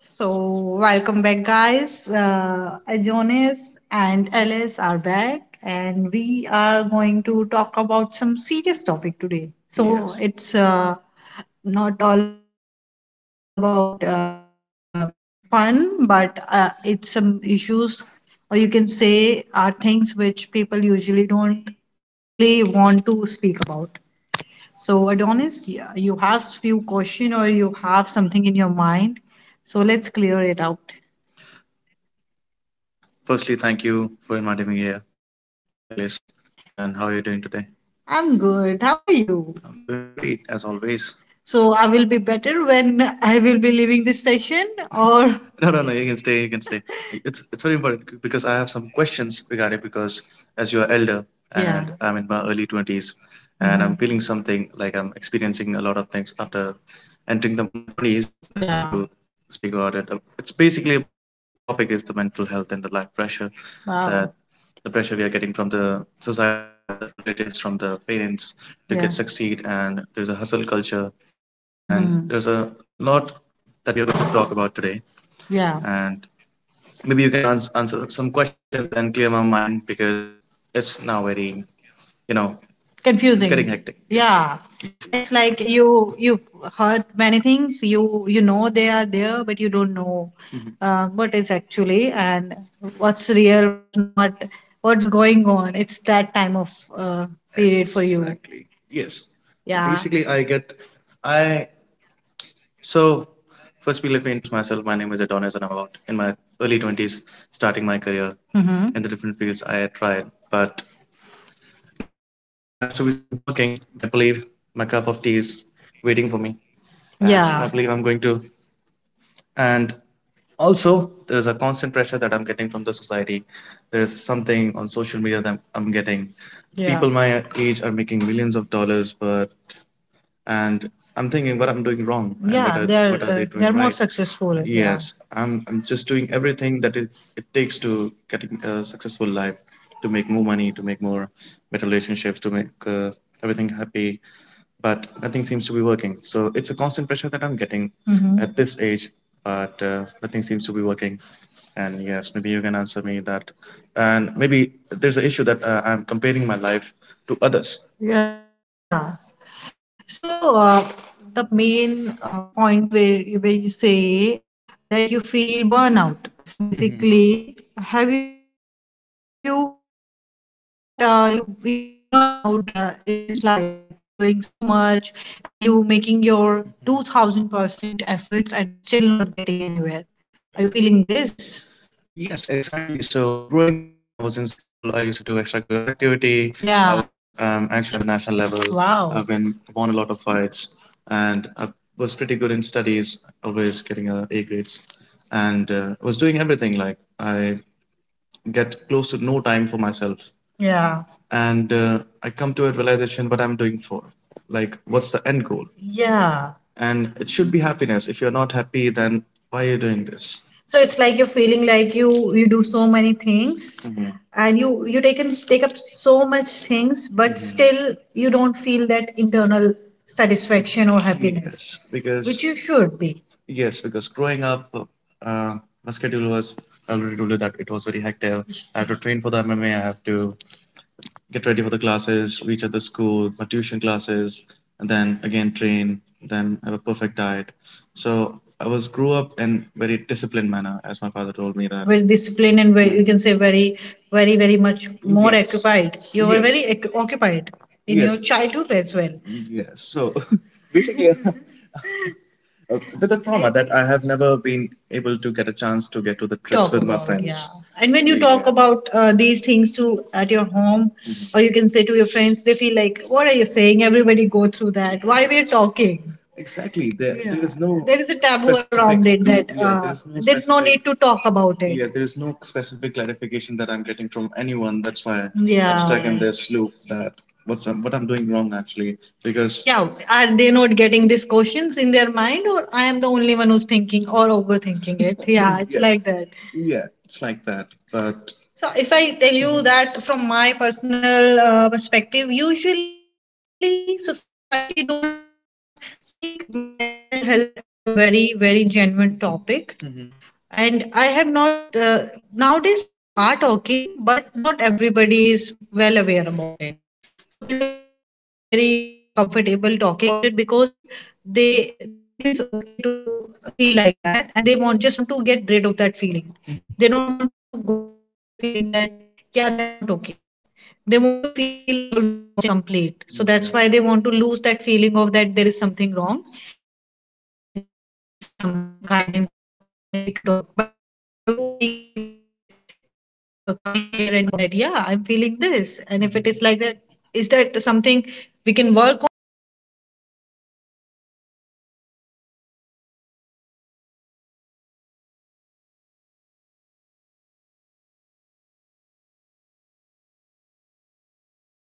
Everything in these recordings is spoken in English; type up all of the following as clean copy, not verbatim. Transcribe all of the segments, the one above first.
So, welcome back, guys. Jonas and Alice are back, and we are going to talk about some serious topic today. So, it's not all about fun, but it's some issues, or you can say, are things which people usually don't really want to speak about. So, Adonis, you have few question or you have something in your mind. So, let's clear it out. I'm good. How are you? So I will be better when I will be leaving this session or hmm Wow. Hmm. Yeah. Confusing. Yes, yeah, it's like you've heard many things, you know they are there, but you don't know what is actually, and what's real, what's not, what's going on. It's that time of period for you. Yeah. Mm-hmm. Yeah. Yeah. uh, Successful. Yeah. Hmm. Yeah. So, the main point where you say that you feel burnout. So, Mhm, basically, have you uh, are you saying that you feel burnout in this life? Like you're doing so much, and you making your 2000% efforts and still not getting anywhere. Are you feeling this? Yeah. Wow. Yeah. Yeah. So it's like you're feeling like you do so many things, and you take up so much things, but Mhm, still you don't feel that internal satisfaction or happiness, which, because you should be very disciplined and very, you can say, very very very much more occupied. You were very occupied in your childhood as well. A talk about, yeah, and when you talk, yeah, about these things to at your home, Mhm, or you can say to your friends, they feel like, what are you saying? Everybody go through that, why we're talking? Yeah. There is a taboo around it that there there's no need to talk about it. Yeah. Yeah. Yeah. Are they not getting these questions in their mind, or I am the only one who's thinking or overthinking it? Yeah, it's, yes, like that. So, if I tell you that from my personal perspective, usually society don't think mental health as a very very genuine topic. Mhm. And I have not nowadays people are talking, but not everybody is well aware about it. Mhm. So, people are not very very comfortable talking about it because they think it's okay to feel like that, and, Mhm, they, Mhm, want, just want to get rid of that feeling. Mhm. They don't want to go into that feeling that, yeah, they are not okay. They want to feel, always feel, accomplished and complete. So that's, right, why they want to lose that feeling of that there is something wrong. And I think I need some guidance or I need to talk. But you being very brave, you are coming here and want to talk about it that, yeah, I'm feeling this. And if it is like that, is that something we can work on, or it's something everybody feel? Yeah, everybody feel this way. I can talk about me. Yeah, when I was in my early 20s, I was not that occupied and honest at all.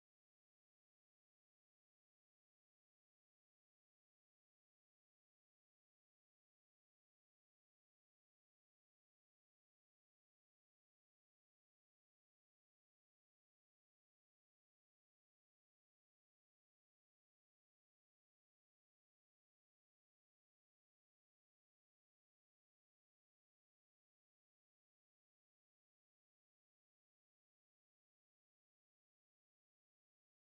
I was a person who live in the moment. Mhm. So, I was, I only do things who make me happy on that time. Mhm. So, I was more a free soul, you can say. And if I think nowadays about me and the other person who were running, and I was just being free. I was the one who is more more mature and more happy in my life, and they are still struggling. And I have achieved many things which they did not able to because they are very stuck in their mind.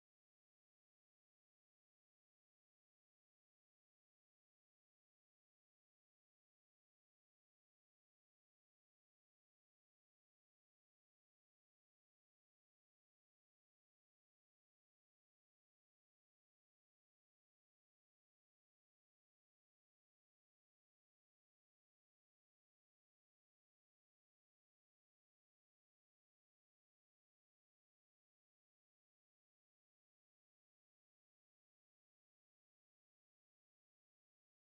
So, yeah, which I can say that, yeah, it's okay to be competitive. It's okay to be running for things, but it's never okay to, in the comparison of, making your life or mind not feeling well about it. Yeah. Yeah. So, what do you think? What is happiness?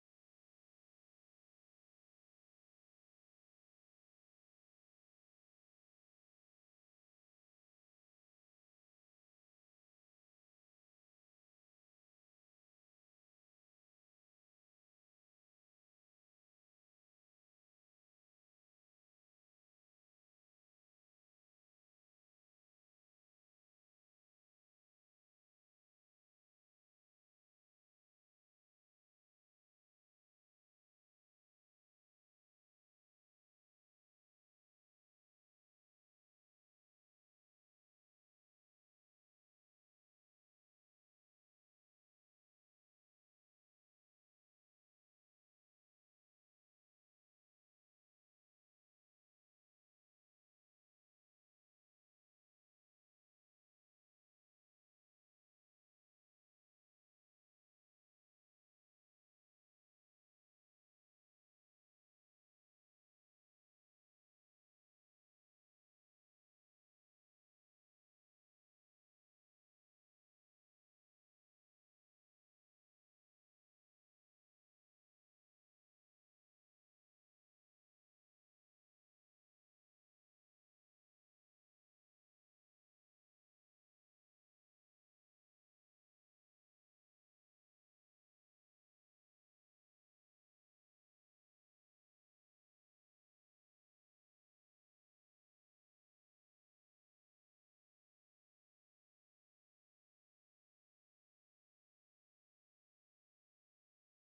What's the last time you feel joyful? That's, oh, something very sad you say. Yeah. Yeah. Oh, that's heartbroken. And I think that's our whole new generation is feeling. That's why they're so, yes, emotional, Mhm, because they're talking, but nobody is replying. They're feeling that they're talking to walls because they're getting the answer like, it's okay, everybody go through this. Mhm. You also deal with it, it will be better with time. Have you heard these things in your talking nearby? Yeah. 50%? Yeah, I'm not feeling inside. Well- Yeah. Is that the reason boys have girls friends more right now? And they tend to have a girl bestie a lot rather than being, yes, a guy gang. Yeah. Yeah, it's like when you talk to a girl and you go to the girl and say, hi, I'm feeling low. They will be, Mm, like moving the moon to you. Yeah, that, so, oh, they'll be my, like, God, this, oh, person is not feeling well. Let make him the star of the day.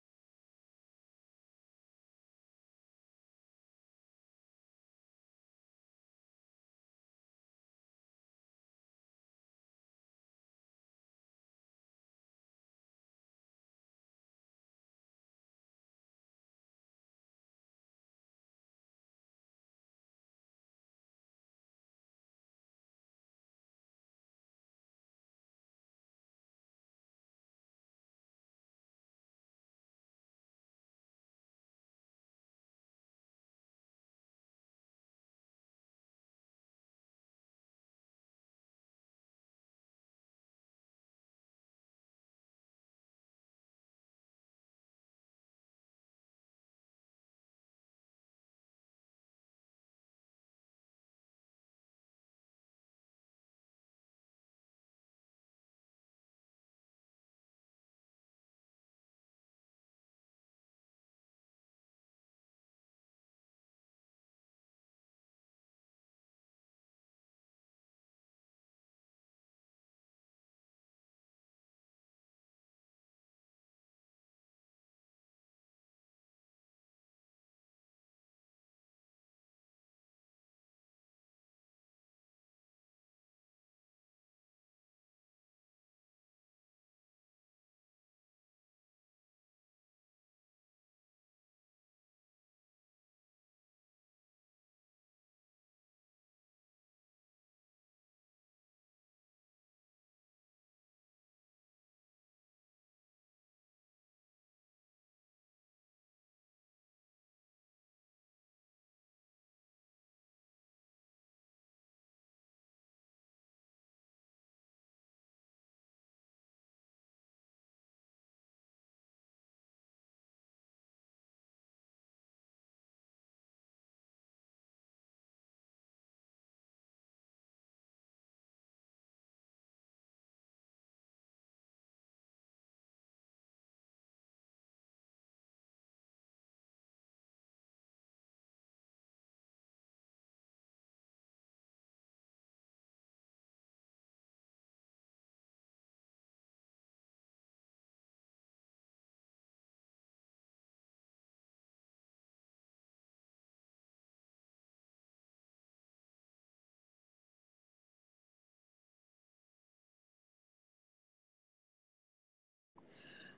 Yeah. You give, they give you good food, yes, energy, that their attention, which you usually crave when you're not feeling well. From the mindset point also, if you're not feeling well, if you have a good food, you will be okay. But when you go to boys, what you get to know? They're like, I'm a guy coming to a guy. Hey, hey dude, I'm not feeling well. What should I do? I think I'm not in my right mindset. What should I, what do you think I should do? So, it's not resign, like, yes, relate to you. You, yes, feel like what's they saying? Talk. Share everything. Yeah. Yeah. So, pressure for living in this world, or what kind of pressure you're talking about, basically? Yeah.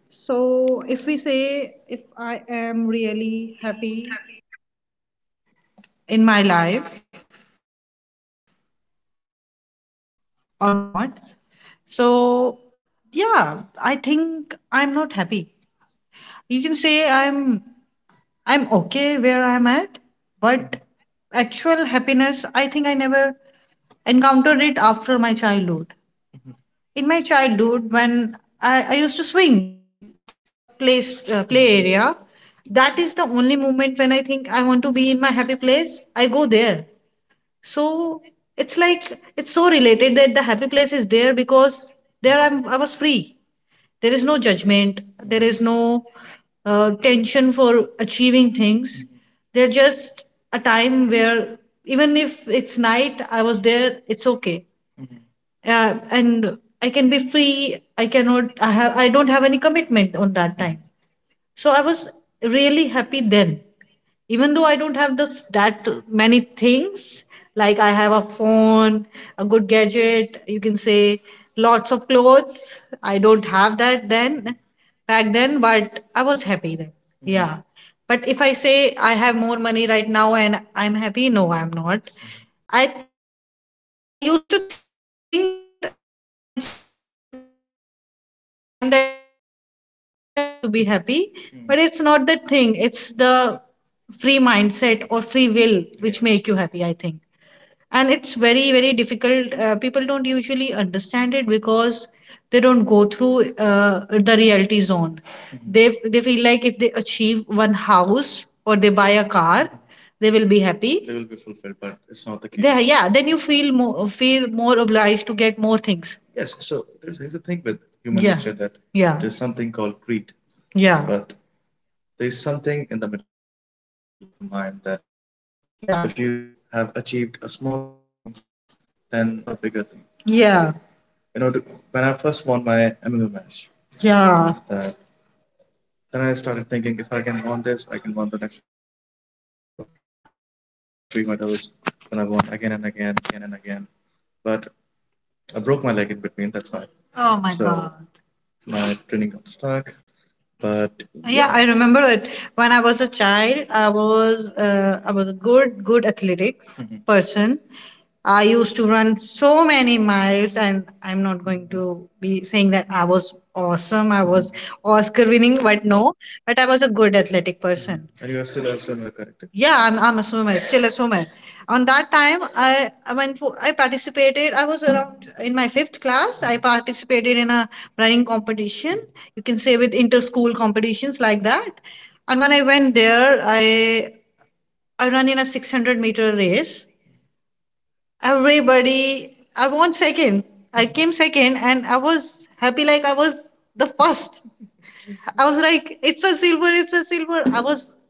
So, if we say if I am really happy, In my life or not. So, yeah, I think I'm not happy. You can say I'm okay where I'm at, but actual happiness, I think I never encountered it after my childhood. In my childhood, when I used to swing in the play area, that is the only moment when I think I want to be in my happy place. I go there. So, it's like, it's so related that the happy place is there because there I was free. There is no judgment. There is no tension for achieving things. They're just a time where even if it's night, I was there. It's okay, and I can be free. I cannot. I have commitment on that time. So, I was really happy then, even though I don't have the, that many things, like I have a phone, a good gadget you can say, lots of clothes I don't have that then, back then, but I was happy then. Hmm. Yeah. Mhm. But if I say I have more money right now and I'm happy, no I'm not. I I used to think that on my childhood time that I was not happy, I don't have anything, I have to get more things to be happy. Hmm. But it's not the thing. It's the free mindset or free will which, yes, make you happy I think. And it's very very difficult. People don't usually understand it because they don't go through the reality zone, Mhm, they feel like if they achieve one house or they buy a car, Mhm, they will be happy. Yeah, then you feel more, feel more obliged to get more things. Yeah. Yeah. Yeah. Yeah. Yeah. Yeah. I, yeah. Oh my God. Yeah, yeah, I remember it. When I was a child, I was a good athletics person. I used to run so many miles, and I'm not going to be saying that I was awesome. I was Oscar winning, but no, but I was a good athletic, Mhm, person. I'm a swimmer, still a swimmer. On that time, I went for, I participated. I was around in my fifth class. I participated in a running competition. You can say with inter-school competitions like that. And when I went there, I ran in a 600-meter race. Everybody, I won second. I came second, and I was happy like I was the first. I was like, it's a silver, it's a silver. I was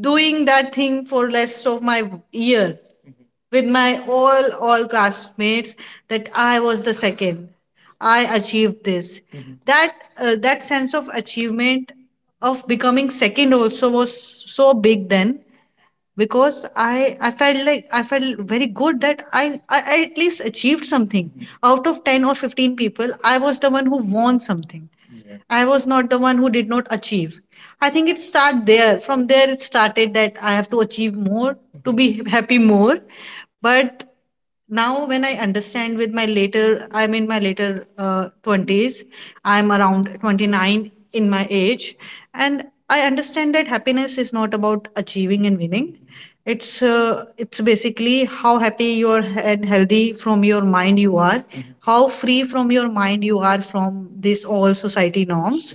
doing that thing for rest of my year with my all classmates that I was the second. I achieved this. Mhm. That sense of achievement of becoming second also was so big then because I felt like I felt very good that I at least achieved something. Mhm. Out of 10 or 15 people, I was the one who won something. I was not the one who did not achieve. I think it started there. From there, it started that I have to achieve more to be happy more. But now, when I understand with my later, I'm in my later 20s. I'm around 29 in my age, and I understand that happiness is not about achieving and winning. It's basically how happy you're and healthy from your mind you are. Mhm. How free from your mind you are from this all society norms.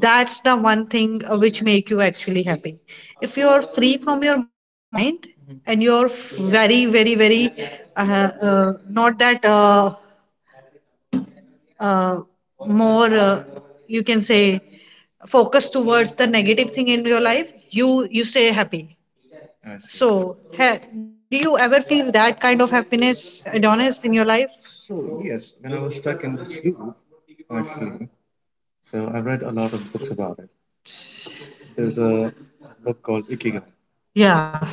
That's the one thing which make you actually happy. If you are free from your mind, Mhm. and very, very, very not that uh, more you can say focus towards the negative thing in your life, you stay happy. So, do you ever feel that kind of happiness, Adonis, in your life? Yeah.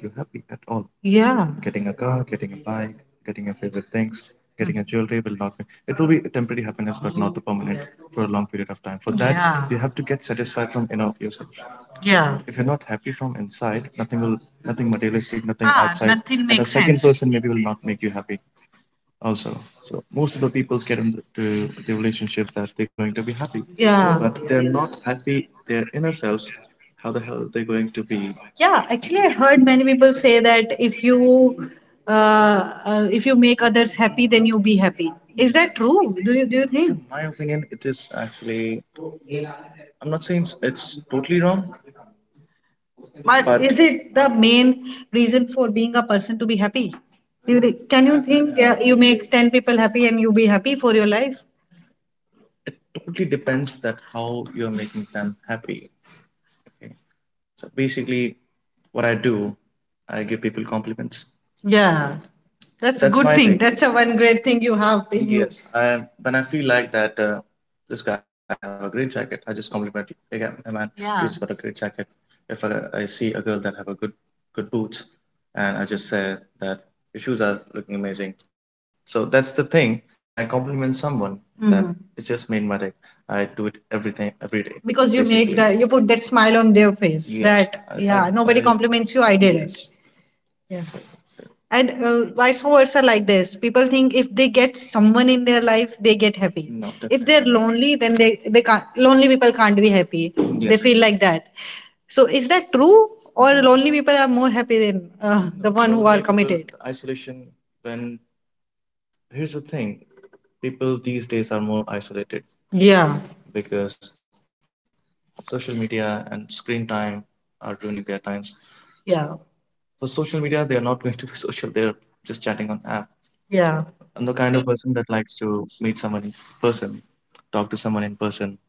Yeah. Mm. Yeah. Yeah. Yeah, actually, I heard many people say that uh, if you make others happy, then you be happy. Is that true? Do you think? In but is it the main reason for being a person to be happy? Do you can you think you make 10 people happy and you be happy for your life? Yeah, that's That's a one great thing you have. Because that, you put that smile on their face, compliments you, I. Yeah. And vice versa, like this. People think if they get someone in their life, they get happy. If they're definitely lonely, then they can't, lonely people can't be happy. They feel like that. So is that true? Or lonely people are more happy than, no, the one? No, who are committed? Yeah. Yeah. Yeah.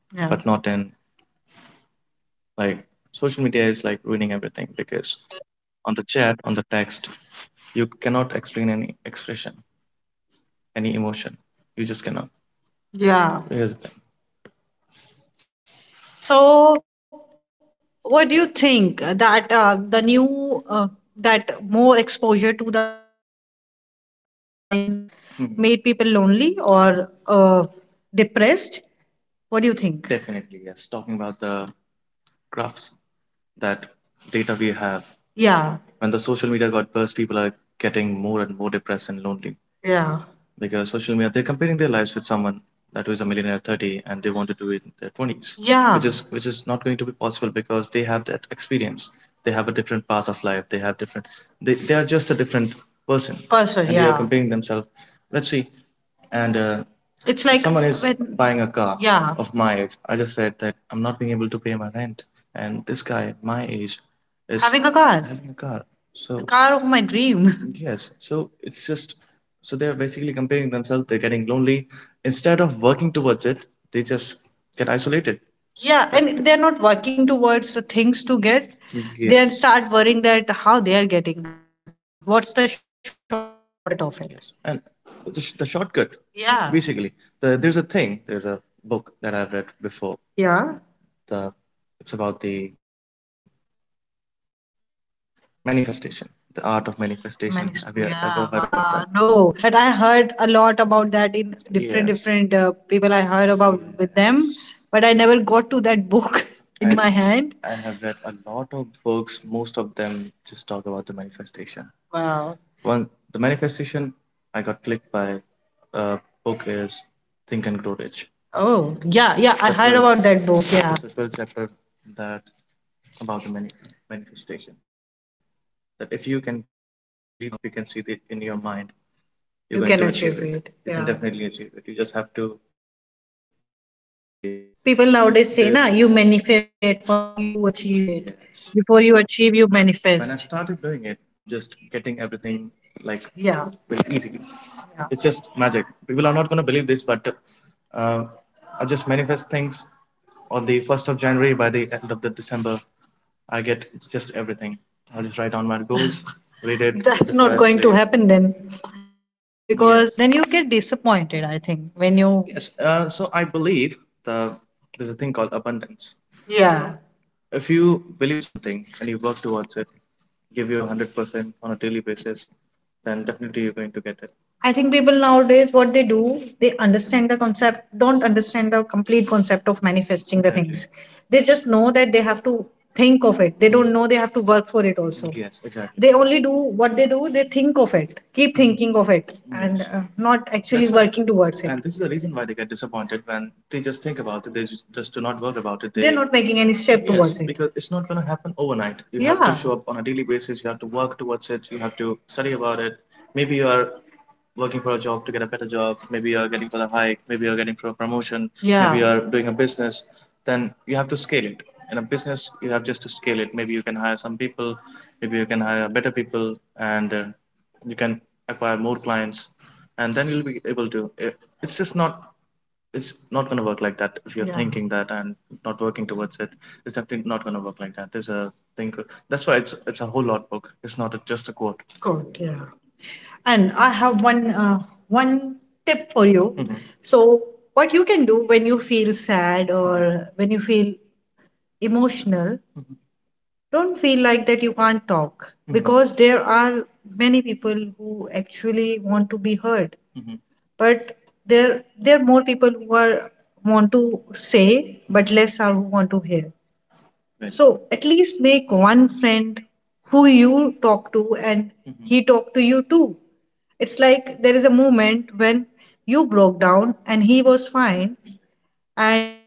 Yeah. Yeah. So, what do you think that the new, that more exposure to the online stuff made people lonely or depressed? What do you think? Yeah, yeah, yeah. Person, it's if like when, yeah, having a car. The car of my dream. Yeah, and they're not working towards the things to get. They, yes, start worrying that how they are getting, what's the shortcut of it. Yeah. Yeah. Manis-, yeah, wow, no, but I heard a lot about that in different people I heard about with them, yes. But I never got to that book in I my hand. Wow. Oh, yeah, yeah. I about that book. People nowadays say, na, there's nah, you manifest it first, you achieve it. Before you achieve, you when I manifest. Yeah. Yeah. That's not going to happen then, yeah. Because then you get disappointed, I think, when you, yeah. I think people nowadays, what they do, they understand the concept, don't understand the complete concept of manifesting the things. They just know that they have to think of it. They don't know they have to work for it also. They only do what they do, they think of it, keep thinking of it, and, yes, not actually working towards making any step. Good. Yeah. And I have one one tip for you. So what you can do when you feel sad or when you feel emotional, don't feel like that you can't talk. Mhm. Because there are many people who actually want to be heard, but there are more people who are want to say but less are who want to hear. Right. So at least make one friend who you talk to and, Mhm. he talk to you too. It's like there is a moment when you broke down and he was fine and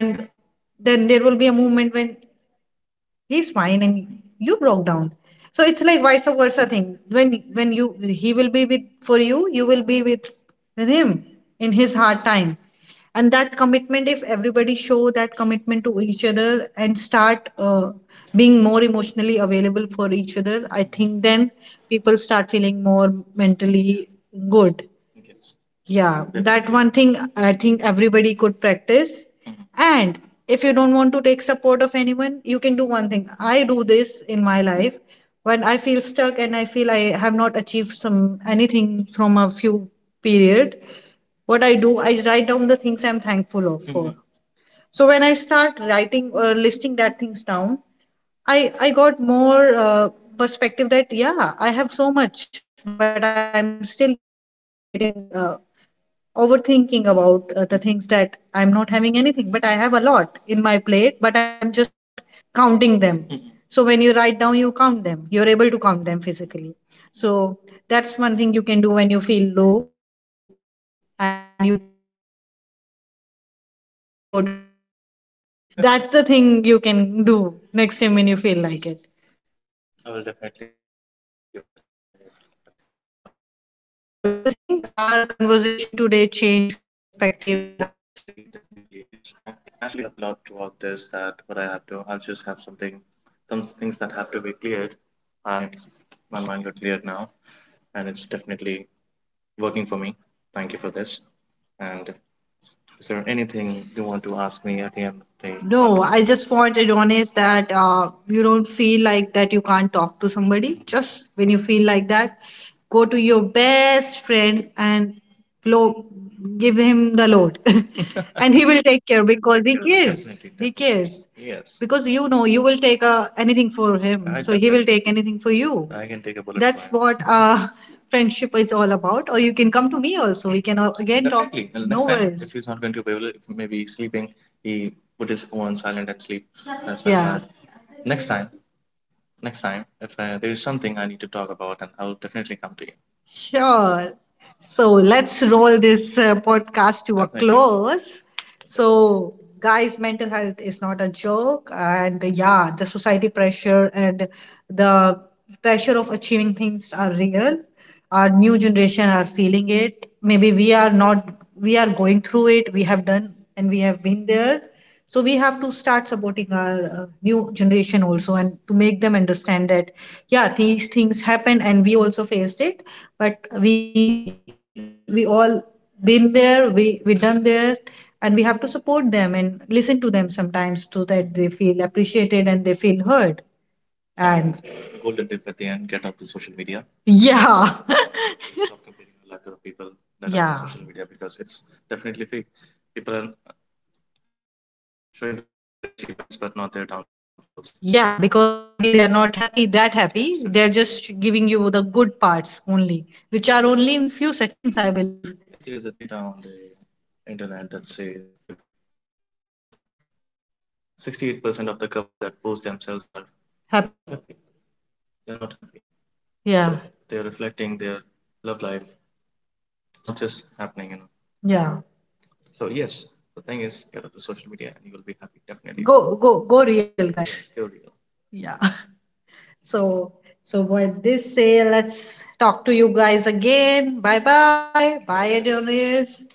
then there will be a moment when he's fine and you broke down. So it's like vice versa thing. When you, he will be with for you, you will be with him in his hard time. And that commitment, if everybody show that commitment to each other and start being more emotionally available for each other, I think then people start feeling more mentally good. Yeah, that one thing I think everybody could practice, and if you don't want to take support of anyone, you can do one thing. I do this in my life when I feel stuck and I feel I have not achieved some anything from a few period. What I do, I write down the things I'm thankful of for. So when I start writing or listing that things down, I got more perspective that, yeah, I have so much, but I'm still getting overthinking about the things that I'm not having anything, but I have a lot in my plate, but I'm just not counting them. So when you write down, you count them. You're able to count them physically. So that's one thing you can do when you feel low. And you can go to a friend and just have a moment like, I am not feeling well, talk to me. That's the thing you can do next time when you feel like it. So, do you think our conversation today changed your perspective? No, I conversation? Just want it honest that you don't feel like that you can't talk to somebody. Just when you feel like that, go to your best friend and blow, give him the load, and he will take care because he cares. He cares because you know you will take anything for him, so he will definitely take anything for you. That's what friendship is all about, or you can come to me also, we can all, again, talk. No worries. Yeah. Sure. So let's roll this podcast to a close. So, guys, mental health is not a joke. And, yeah, the society pressure and the pressure of achieving things are real. Our new generation are feeling it. Maybe we are not, we are going through it. We have done have been there. So, we have to start supporting our new generation also and to make them understand that, yeah, these things happen and we also faced it, but we all been there, we done there, and we have to support them and listen to them sometimes so that they feel appreciated and they feel heard. Yeah. And yeah, yeah, yeah, because maybe they are not happy that happy. They're just giving you the good parts only, which are only in few seconds, I believe. Not happy. Not. Yeah, yeah. Go, go, go real, guys. Yeah. So, so with this say, let's talk to you guys again. Bye bye. Bye, Adonis.